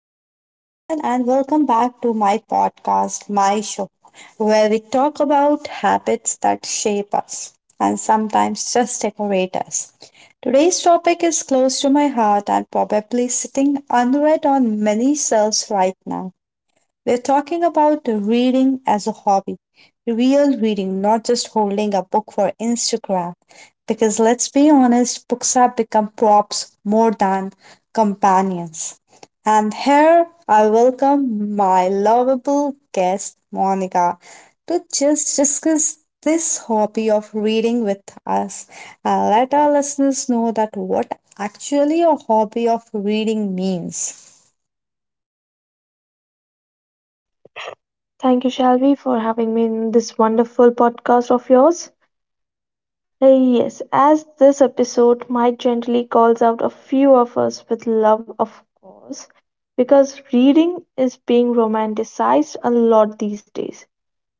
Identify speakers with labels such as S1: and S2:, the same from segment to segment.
S1: Hello, everyone, and welcome back to my podcast, My Show, where we talk about habits that shape us and sometimes just decorate us. Today's topic is close to my heart and probably sitting unread on many shelves right now. We're talking about reading as a hobby, real reading, not just holding a book for Instagram. Because let's be honest, books have become props more than companions. And here I welcome my lovable guest, Monica, to just discuss this hobby of reading with us and let our listeners know that what actually a hobby of reading means.
S2: Thank you, Shalvi, for having me in this wonderful podcast of yours. Yes, as this episode might gently calls out a few of us with love, of course, because reading is being romanticized a lot these days,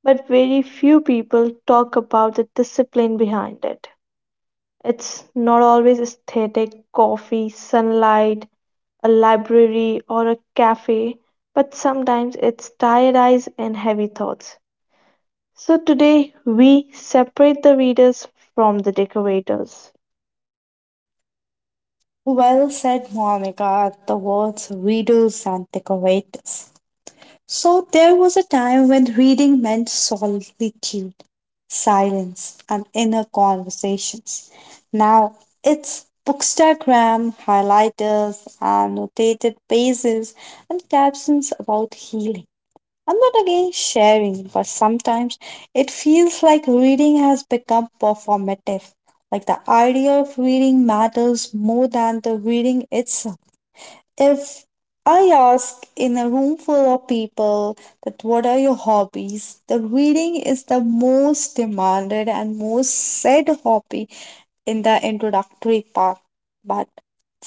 S2: but very few people talk about the discipline behind it. It's not always aesthetic, coffee, sunlight, a library, or a cafe, but sometimes it's tired eyes and heavy thoughts. So today we separate the readers from the decorators.
S1: Well said, Monica. The words readers and decorators. So there was a time when reading meant solitude, silence, and inner conversations. Now it's bookstagram, highlighters, annotated pages, and captions about healing. I'm not against sharing, but sometimes it feels like reading has become performative. Like the idea of reading matters more than the reading itself. If I ask in a room full of people that what are your hobbies, the reading is the most demanded and most said hobby in the introductory part. But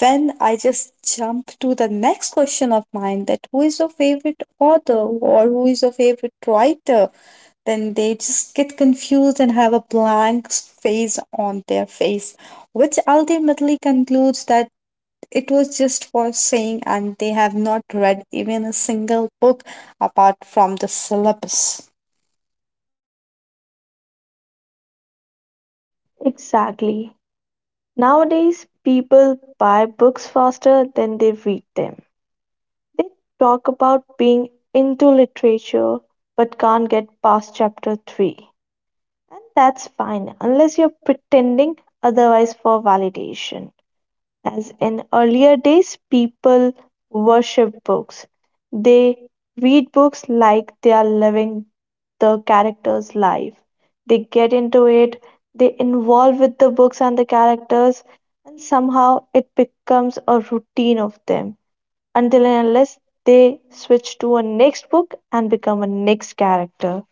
S1: when I just jump to the next question of mine that who is your favorite author or who is your favorite writer, then they just get confused and have a blank face on their face, which ultimately concludes that it was just for saying, and they have not read even a single book apart from the syllabus.
S2: Exactly. Nowadays, people buy books faster than they read them. They talk about being into literature but can't get past chapter 3. And that's fine unless you're pretending otherwise for validation. As in earlier days, people worship books. They read books like they are living the character's life. They get into it, they involve with the books and the characters, and somehow it becomes a routine of them until and unless they switch to a next book and become a next character.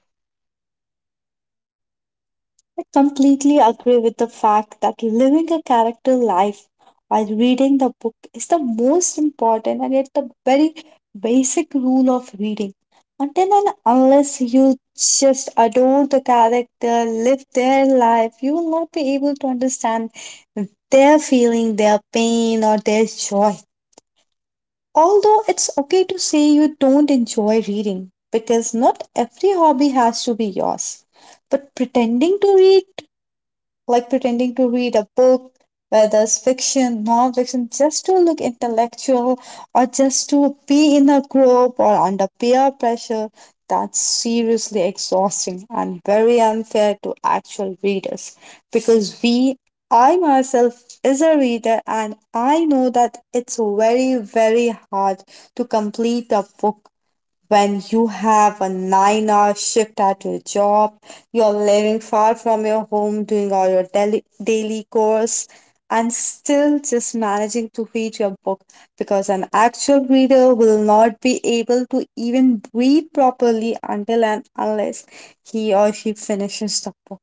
S1: I completely agree with the fact that living a character life while reading the book is the most important and yet the very basic rule of reading. Until and unless you just adore the character, live their life, you will not be able to understand their feeling, their pain, or their joy. Although it's okay to say you don't enjoy reading because not every hobby has to be yours, but pretending to read like pretending to read a book, whether it's fiction, non-fiction, just to look intellectual or just to be in a group or under peer pressure. That's seriously exhausting and very unfair to actual readers because we I myself is a reader and I know that it's very very hard to complete a book when you have a 9-hour shift at your job, you're living far from your home, doing all your daily chores, and still just managing to read your book because an actual reader will not be able to even breathe properly until and unless he or she finishes the book.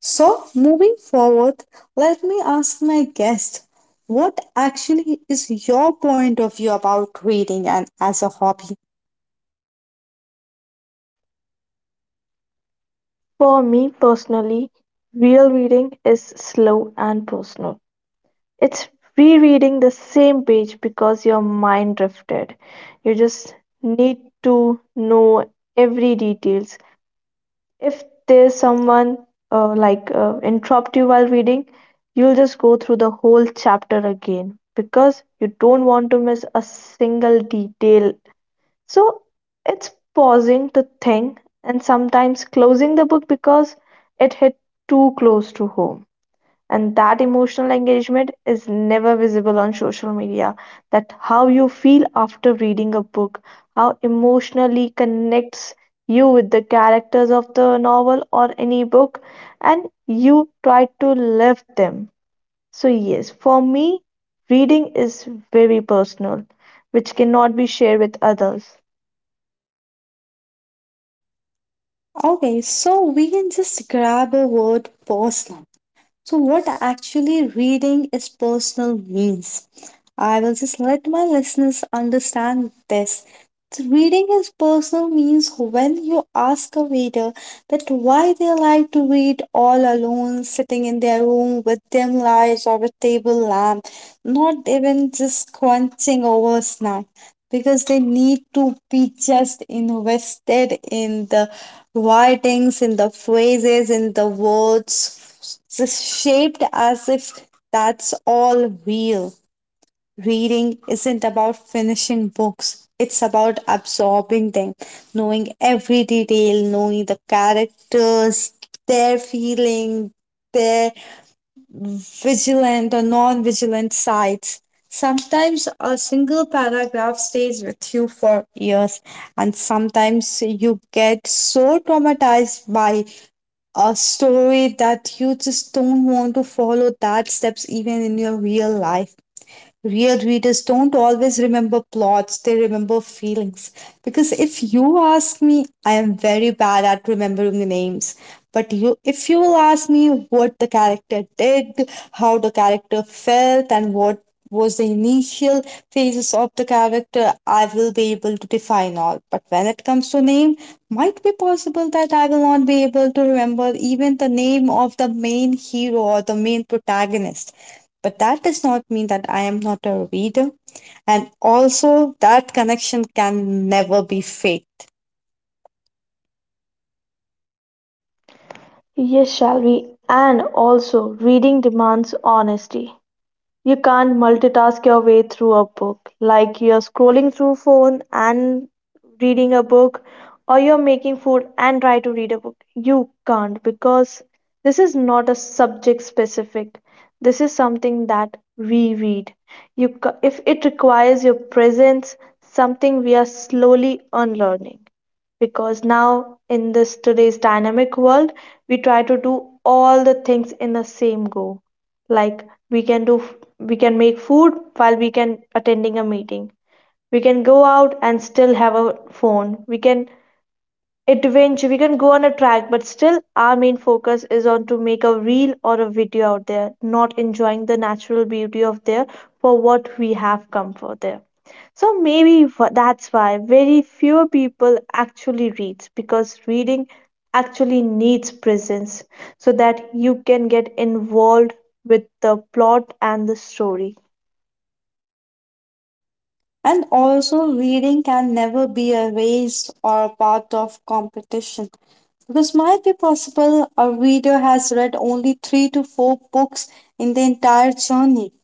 S1: So, moving forward, let me ask my guest what actually is your point of view about reading and as a hobby?
S2: For me personally, real reading is slow and personal. It's rereading the same page because your mind drifted. You just need to know every details. If there's someone like interrupt you while reading, you'll just go through the whole chapter again because you don't want to miss a single detail. So it's pausing to think and sometimes closing the book because it hit too close to home, and that emotional engagement is never visible on social media, that how you feel after reading a book, how emotionally connects you with the characters of the novel or any book, and you try to live them. So yes, for me, reading is very personal, which cannot be shared with others.
S1: Okay, so we can just grab a word personal. So, what actually reading is personal means. I will just let my listeners understand this. Reading is personal means when you ask a reader that why they like to read all alone, sitting in their room with dim lights or a table lamp, not even just crunching over a snack, because they need to be just invested in the writings, in the phrases, in the words, just shaped as if that's all real. Reading isn't about finishing books, it's about absorbing them, knowing every detail, knowing the characters, their feeling, their vigilant or non vigilant sides. Sometimes a single paragraph stays with you for years, and sometimes you get so traumatized by a story that you just don't want to follow that steps even in your real life. Real readers don't always remember plots, they remember feelings. Because if you ask me, I am very bad at remembering the names. But you, if you will ask me what the character did, how the character felt, and what was the initial phases of the character, I will be able to define all. But when it comes to name, might be possible that I will not be able to remember even the name of the main hero or the main protagonist, but that does not mean that I am not a reader. And also, that connection can never be faked.
S2: Yes, shall we, and also reading demands honesty. You can't multitask your way through a book, like you're scrolling through phone and reading a book, or you're making food and try to read a book. You can't, because this is not a subject specific. This is something that we read. If it requires your presence, something we are slowly unlearning because now in this today's dynamic world we try to do all the things in the same go, like we can make food while we can attending a meeting, we can go out and still have a phone, we can adventure. We can go on a track, but still, our main focus is on to make a reel or a video out there, not enjoying the natural beauty of there for what we have come for there. So that's why very few people actually reads, because reading actually needs presence so that you can get involved with the plot and the story.
S1: And also, reading can never be a race or a part of competition. Because might be possible a reader has read only three to four books in the entire journey.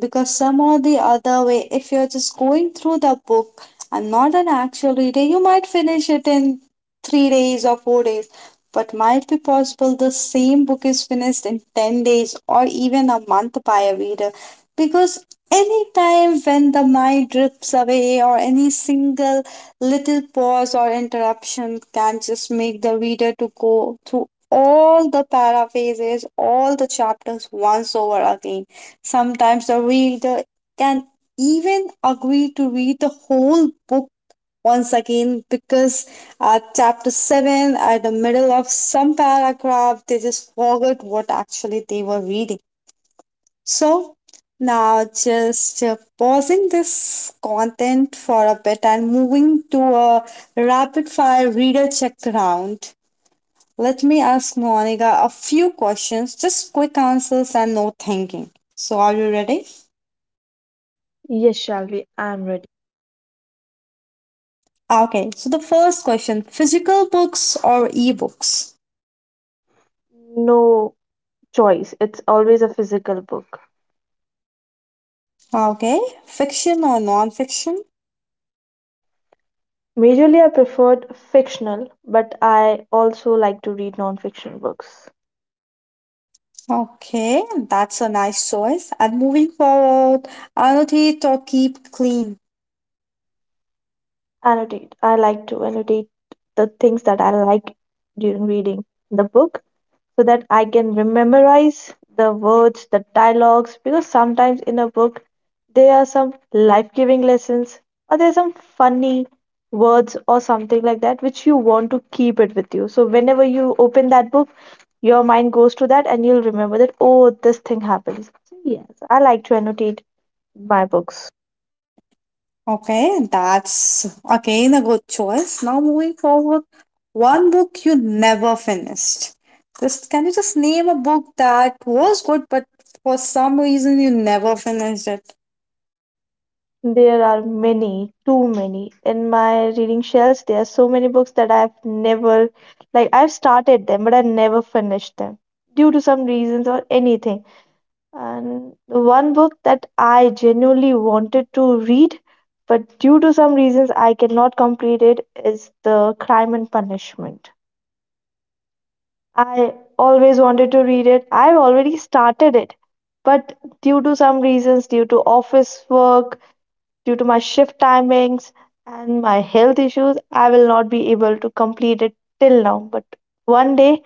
S1: Because some or the other way, if you're just going through the book and not an actual reader, you might finish it in three days or four days. But might be possible the same book is finished in 10 days or even a month by a reader because any time when the mind drifts away or any single little pause or interruption can just make the reader to go through all the paraphrases, all the chapters once over again. Sometimes the reader can even agree to read the whole book once again because at chapter 7, at the middle of some paragraph, they just forgot what actually they were reading. So now just pausing this content for a bit and moving to a rapid fire reader check round. Let me ask Monica a few questions, just quick answers and no thinking. So are you ready?
S2: Yes, Shalvi, I'm ready.
S1: Okay, so the first question, physical books or ebooks?
S2: No choice. It's always a physical book.
S1: Okay, fiction or non-fiction?
S2: Majorly I prefer fictional, but I also like to read non-fiction books.
S1: Okay, that's a nice choice. And moving forward, annotate or keep clean.
S2: Annotate. I like to annotate the things that I like during reading the book so that I can memorize the words, the dialogues, because sometimes in a book there are some life giving lessons or there's some funny words or something like that which you want to keep it with you. So whenever you open that book, your mind goes to that and you'll remember that, oh, this thing happens. So yes, I like to annotate my books.
S1: Okay, that's again a good choice. Now moving forward, one book you never finished. Just can you just name a book that was good, but for some reason you never finished it?
S2: There are many, too many. In my reading shelves, there are so many books that I've never, like, I've started them, but I never finished them due to some reasons or anything. And the one book that I genuinely wanted to read, but due to some reasons I cannot complete it, is The Crime and Punishment. I always wanted to read it. I've already started it, but due to some reasons, due to office work, due to my shift timings and my health issues, I will not be able to complete it till now. But one day,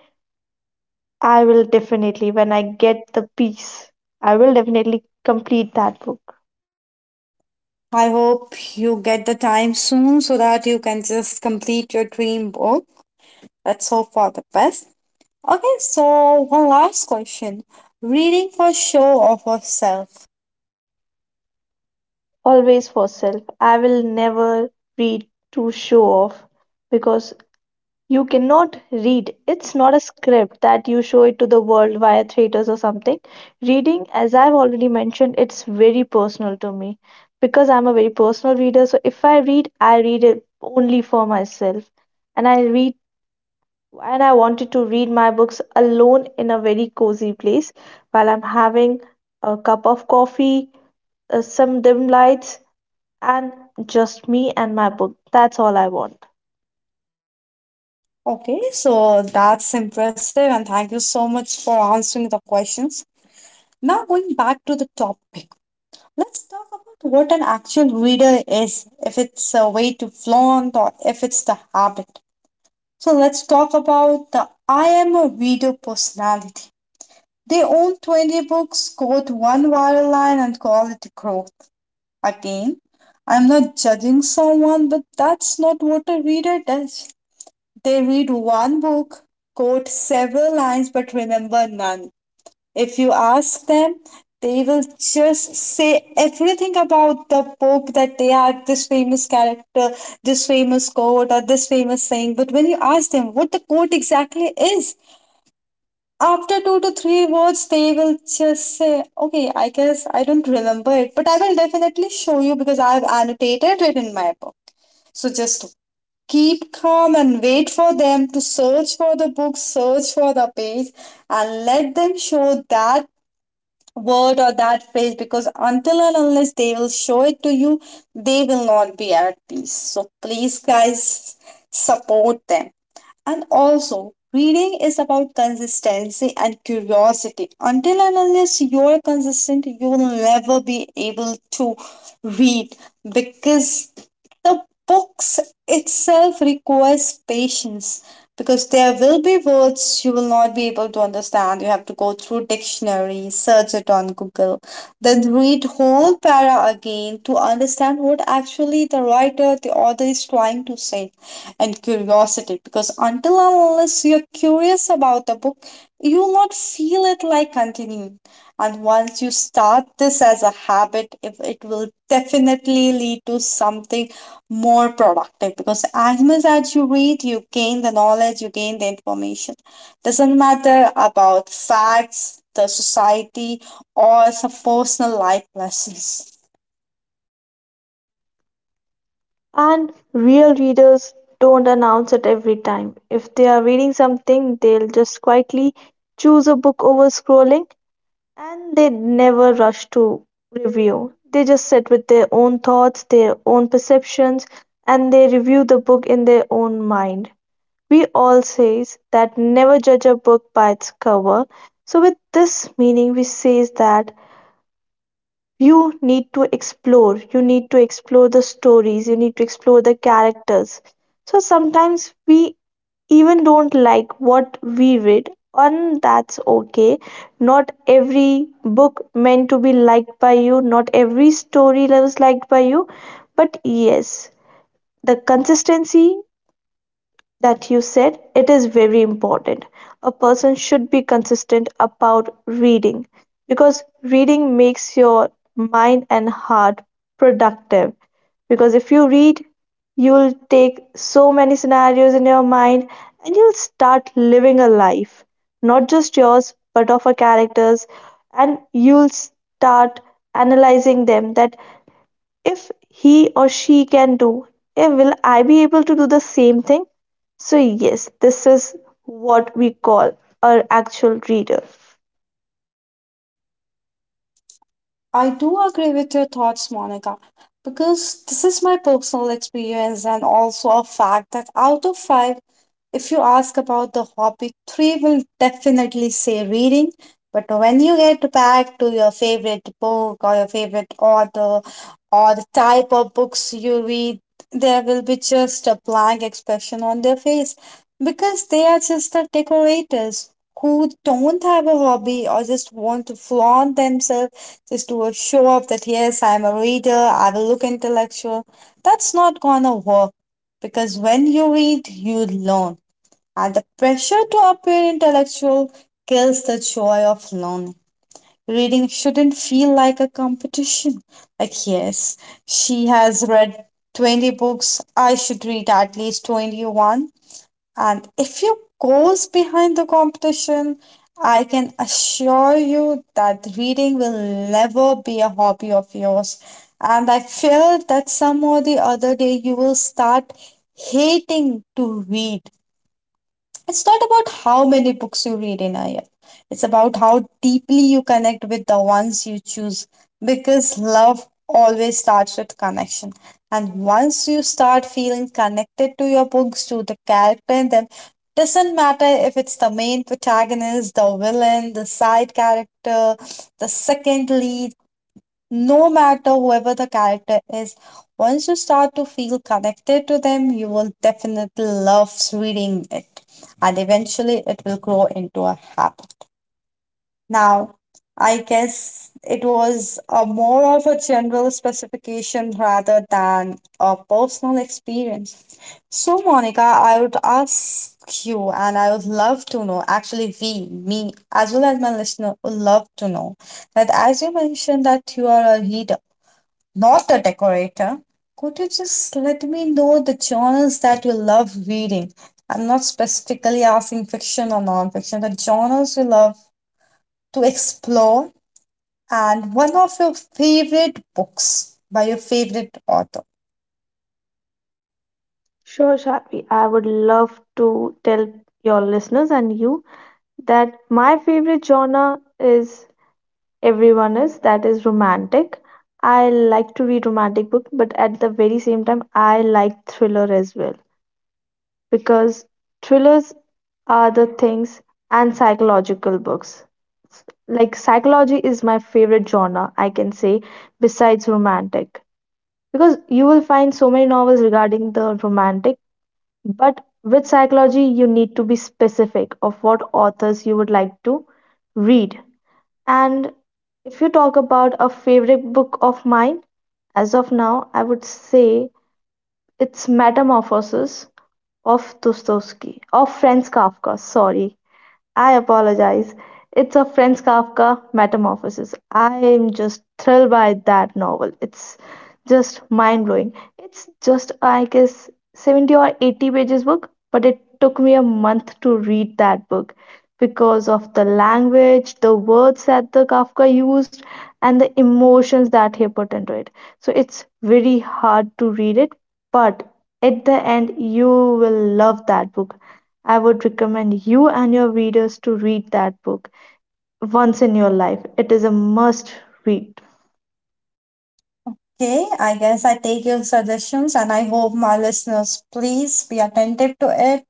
S2: I will definitely, when I get the peace, I will definitely complete that book.
S1: I hope you get the time soon so that you can just complete your dream book. Let's hope for the best. Okay, so one last question. Reading for show of yourself.
S2: Always for self. I will never read to show off because you cannot read. It's not a script that you show it to the world via theaters or something. Reading, as I've already mentioned, it's very personal to me because I'm a very personal reader. So if I read, I read it only for myself. And I read and I wanted to read my books alone in a very cozy place while I'm having a cup of coffee, some dim lights, and just me and my book. That's all I want.
S1: Okay, so that's impressive, and thank you so much for answering the questions. Now, going back to the topic, let's talk about what an actual reader is, if it's a way to flaunt or if it's the habit. So, let's talk about the I am a reader personality. They own 20 books, quote one viral line, and call it growth. Again, I'm not judging someone, but that's not what a reader does. They read one book, quote several lines, but remember none. If you ask them, they will just say everything about the book that they are this famous character, this famous quote, or this famous saying. But when you ask them what the quote exactly is, after two to three words, they will just say, "Okay, I guess I don't remember it, but I will definitely show you because I've annotated it in my book." So just keep calm and wait for them to search for the book, search for the page, and let them show that word or that phrase because until and unless they will show it to you, they will not be at peace. So please, guys, support them. And also, reading is about consistency and curiosity. Until and unless you're consistent, you will never be able to read because the books itself requires patience, because there will be words you will not be able to understand. You have to go through dictionary, search it on Google, then read whole para again to understand what actually the writer, the author is trying to say. And curiosity, because until and unless you're curious about the book, you will not feel it like continuing. And once you start this as a habit, if it will definitely lead to something more productive because as much as you read, you gain the knowledge, you gain the information. Doesn't matter about facts, the society, or some personal life lessons.
S2: And real readers don't announce it every time. If they are reading something, they'll just quietly choose a book over scrolling, and they never rush to review. They just sit with their own thoughts, their own perceptions, and they review the book in their own mind. We all says that never judge a book by its cover. So with this meaning we says that you need to explore, you need to explore the stories, you need to explore the characters. So sometimes we even don't like what we read, and that's okay. Not every book meant to be liked by you, not every story was liked by you. But yes, the consistency that you said it is very important. A person should be consistent about reading because reading makes your mind and heart productive, because if you read, you'll take so many scenarios in your mind and you'll start living a life, not just yours but of a characters, and you'll start analyzing them that if he or she can do, will I be able to do the same thing? So yes, this is what we call our actual reader.
S1: I do agree with your thoughts, Monica, because this is my personal experience and also a fact that out of five, if you ask about the hobby, three will definitely say reading. But when you get back to your favorite book or your favorite author or the type of books you read, there will be just a blank expression on their face because they are just the decorators who don't have a hobby or just want to flaunt themselves just to show off that yes, I'm a reader, I will look intellectual. That's not gonna work because when you read, you learn, and the pressure to appear intellectual kills the joy of learning. Reading shouldn't feel like a competition. Like, yes, she has read 20 books, I should read at least 21. And if you goes behind the competition, I can assure you that reading will never be a hobby of yours. And I fear that some or the other day you will start hating to read. It's not about how many books you read in a year. It's about how deeply you connect with the ones you choose because love always starts with connection. And once you start feeling connected to your books, to the character in them, doesn't matter if it's the main protagonist, the villain, the side character, the second lead, no matter whoever the character is, once you start to feel connected to them, you will definitely love reading it, and eventually it will grow into a habit. Now, I guess it was a more of a general specification rather than a personal experience. So, Monica, I would ask you, and I would love to know, actually, we, me, as well as my listener, would love to know that as you mentioned that you are a reader, not a decorator. Could you just let me know the journals that you love reading? I'm not specifically asking fiction or non-fiction, the journals you love to explore and one of your favorite books by your favorite author.
S2: Sure, Shadvi. I would love to tell your listeners and you that my favorite genre is everyone is that is romantic. I like to read romantic book, but at the very same time, I like thriller as well. Because thrillers are the things, and psychological books. Like psychology is my favorite genre, I can say, besides romantic. Because you will find so many novels regarding the romantic, but with psychology you need to be specific of what authors you would like to read. And if you talk about a favorite book of mine, as of now, I would say it's Metamorphosis Of Dostoevsky, of Franz Kafka, sorry. I apologize. It's a Franz Kafka Metamorphosis. I am just thrilled by that novel. It's just mind blowing. It's just, I guess, 70 or 80 pages book, but it took me a month to read that book because of the language, the words that the Kafka used, and the emotions that he put into it. So it's very hard to read it, but at the end, you will love that book. I would recommend you and your readers to read that book once in your life. It is a must read.
S1: Okay, I guess I take your suggestions and I hope my listeners please be attentive to it.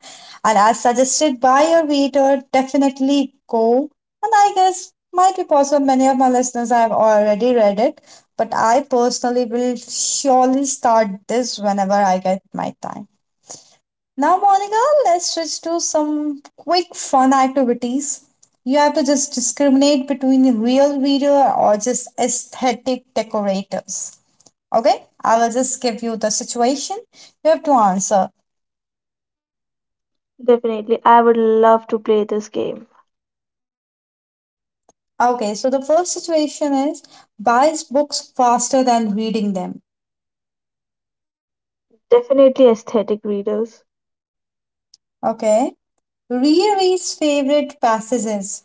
S1: And as suggested by your reader, definitely go. And I guess might be possible many of my listeners have already read it, but I personally will surely start this whenever I get my time. Now, Monica, let's switch to some quick fun activities. You have to just discriminate between real reader or just aesthetic decorators. Okay, I will just give you the situation. You have to answer.
S2: Definitely, I would love to play this game.
S1: Okay, so the first situation is buys books faster than reading them.
S2: Definitely, aesthetic readers.
S1: Okay, rereads favorite passages.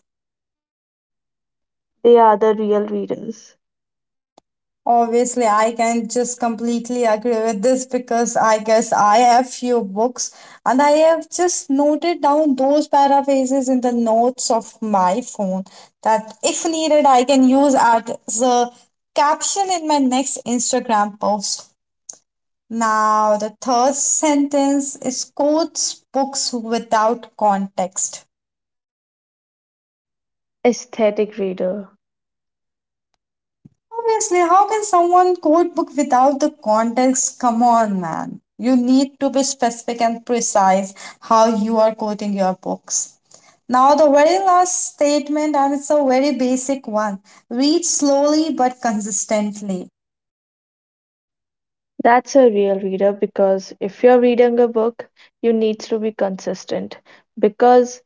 S2: They are the real readers.
S1: Obviously, I can just completely agree with this because I guess I have few books and I have just noted down those paraphrases in the notes of my phone that if needed, I can use as a caption in my next Instagram post. Now, the third sentence is quotes books without context.
S2: Aesthetic reader.
S1: Obviously, how can someone quote book without the context? Come on, man. You need to be specific and precise how you are quoting your books. Now, the very last statement, and it's a very basic one, read slowly but consistently.
S2: That's a real reader because if you're reading a book, you need to be consistent because,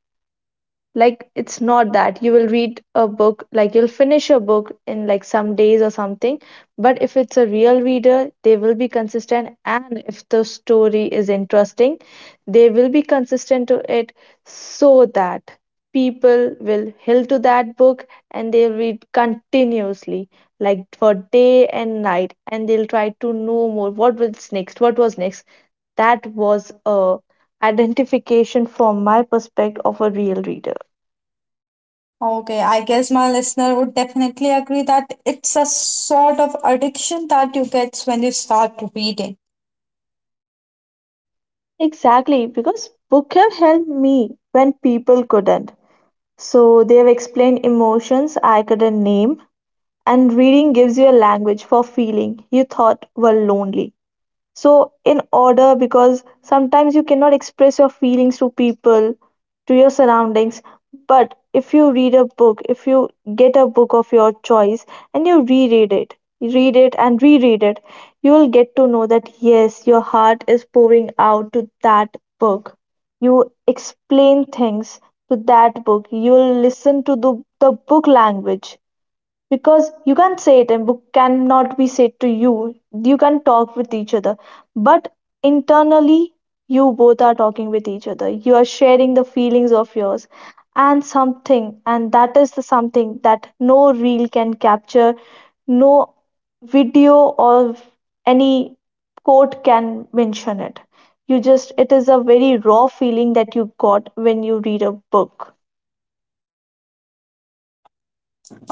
S2: like, it's not that you will read a book, like, you'll finish a book in like some days or something. But if it's a real reader, they will be consistent. And if the story is interesting, they will be consistent to it so that people will hill to that book and they'll read continuously like for day and night, and they'll try to know more what was next, what was next. That was a identification from my perspective of a real reader.
S1: Okay, I guess my listener would definitely agree that it's a sort of addiction that you get when you start reading.
S2: Exactly, because book have helped me when people couldn't. So they have explained emotions I couldn't name, and reading gives you a language for feeling you thought were lonely. So in order, because sometimes you cannot express your feelings to people, to your surroundings, but if you read a book, if you get a book of your choice and you reread it, read it, and reread it, you will get to know that yes, your heart is pouring out to that book. You explain things to that book. You will listen to the book language because you can't say it and book cannot be said to you. You can talk with each other, but internally you both are talking with each other. You are sharing the feelings of yours and something, and that is the something that no reel can capture. No video or any quote can mention it. You just, it is a very raw feeling that you got when you read a book.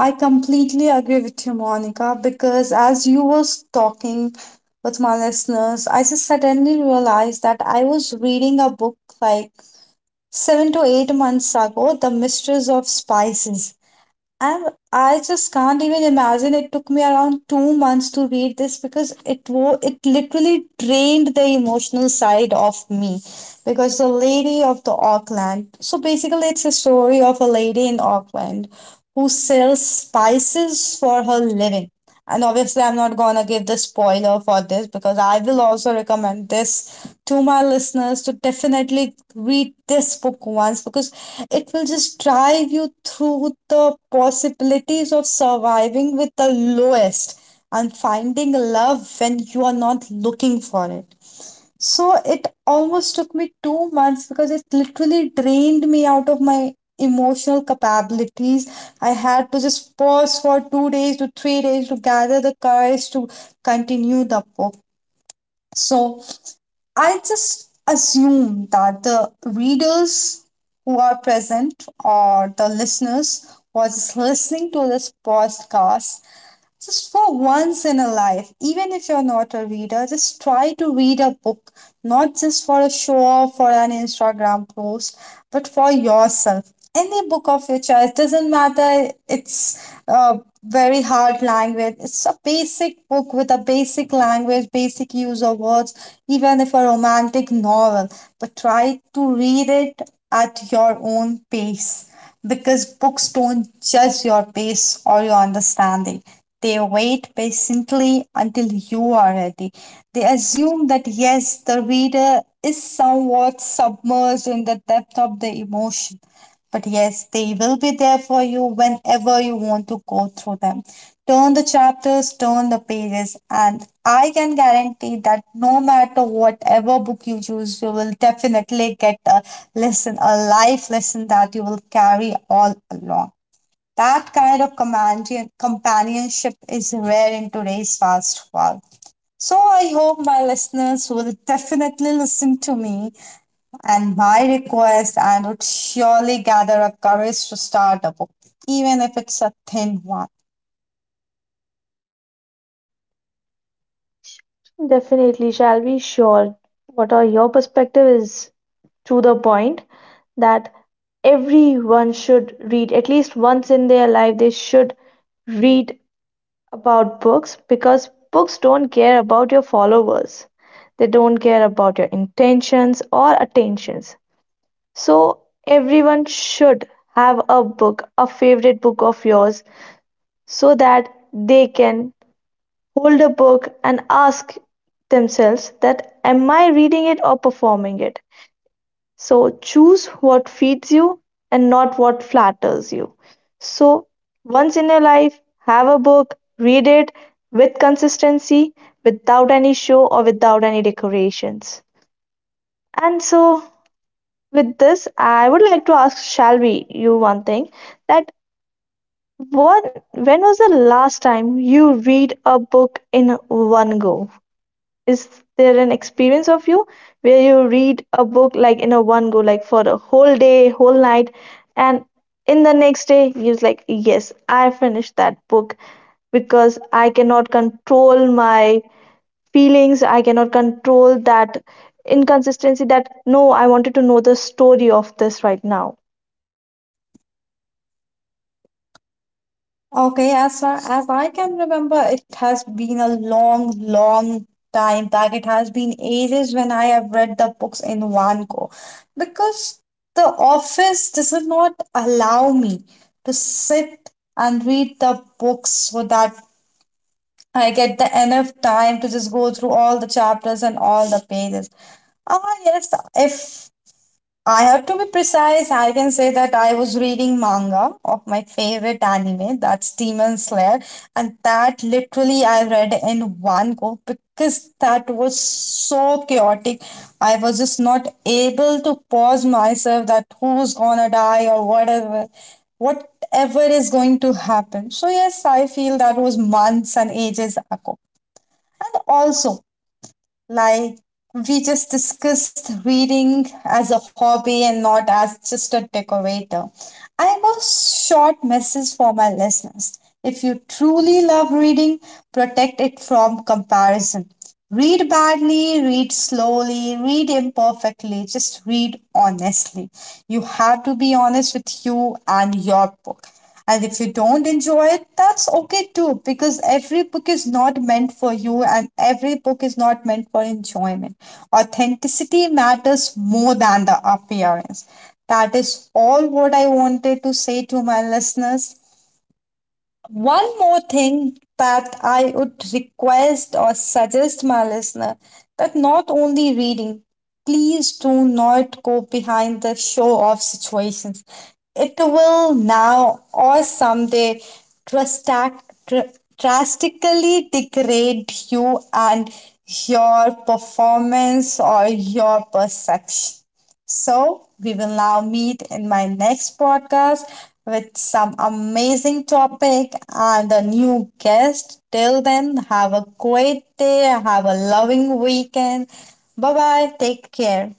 S1: I completely agree with you, Monica, because as you was talking with my listeners, I just suddenly realized that I was reading a book like 7 to 8 months ago, The Mistress of Spices. I'm, I just can't even imagine. It took me around 2 months to read this because it literally drained the emotional side of me. Because the lady of the Auckland. So basically, it's a story of a lady in Auckland who sells spices for her living. And obviously, I'm not gonna give the spoiler for this because I will also recommend this to my listeners to definitely read this book once because it will just drive you through the possibilities of surviving with the lowest and finding love when you are not looking for it. So it almost took me 2 months because it literally drained me out of my emotional capabilities. I had to just pause for 2 days to 3 days to gather the courage to continue the book. So I just assume that the readers who are present or the listeners was listening to this podcast, just for once in a life, even if you're not a reader, just try to read a book, not just for a show off or an Instagram post, but for yourself. Any book of your choice doesn't matter. It's uh, very hard language. It's a basic book with a basic language, basic use of words, even if a romantic novel. But try to read it at your own pace because books don't judge your pace or your understanding. They wait patiently until you are ready. They assume that yes, the reader is somewhat submerged in the depth of the emotion. But yes, they will be there for you whenever you want to go through them. Turn the chapters, turn the pages, and I can guarantee that no matter whatever book you choose, you will definitely get a lesson, a life lesson that you will carry all along. That kind of companionship is rare in today's fast world. So I hope my listeners will definitely listen to me and my request and would surely gather up courage to start a book, even if it's a thin one.
S2: Definitely, shall be sure. What are your perspective is, to the point that everyone should read at least once in their life. They should read about books because books don't care about your followers. They don't care about your intentions or attentions. So everyone should have a book, a favorite book of yours, so that they can hold a book and ask themselves that am I reading it or performing it. So choose what feeds you and not what flatters you. So once in your life, have a book, read it with consistency, without any show or without any decorations. And so with this, I would like to ask Shalvi you one thing, that what, when was the last time you read a book in one go? Is there an experience of you where you read a book like in a one go, like for a whole day, whole night, and in the next day you're like, yes, I finished that book, because I cannot control my feelings. I cannot control that inconsistency. That no, I wanted to know the story of this right now.
S1: Okay, as far as I can remember, it has been a long, long time back. It has been ages when I have read the books in one go because the office does not allow me to sit and read the books so that I get the enough time to just go through all the chapters and all the pages. Ah, yes, if I have to be precise. I can say that I was reading manga of my favorite anime, that's Demon Slayer, and that literally I read in one go because that was so chaotic. I was just not able to pause myself that who's gonna die or whatever, whatever is going to happen. So, yes, I feel that was months and ages ago. And also, like, we just discussed reading as a hobby and not as just a decorator. I have a short message for my listeners. If you truly love reading, protect it from comparison. Read badly, read slowly, read imperfectly, just read honestly. You have to be honest with you and your book. And if you don't enjoy it, that's okay too, because every book is not meant for you and every book is not meant for enjoyment. Authenticity matters more than the appearance. That is all what I wanted to say to my listeners. One more thing that I would request or suggest my listener, that not only reading, please do not go behind the show off situations. It will now or someday drastic, drastically degrade you and your performance or your perception. So, we will now meet in my next podcast with some amazing topic and a new guest. Till then, have a great day, have a loving weekend. Bye bye, take care.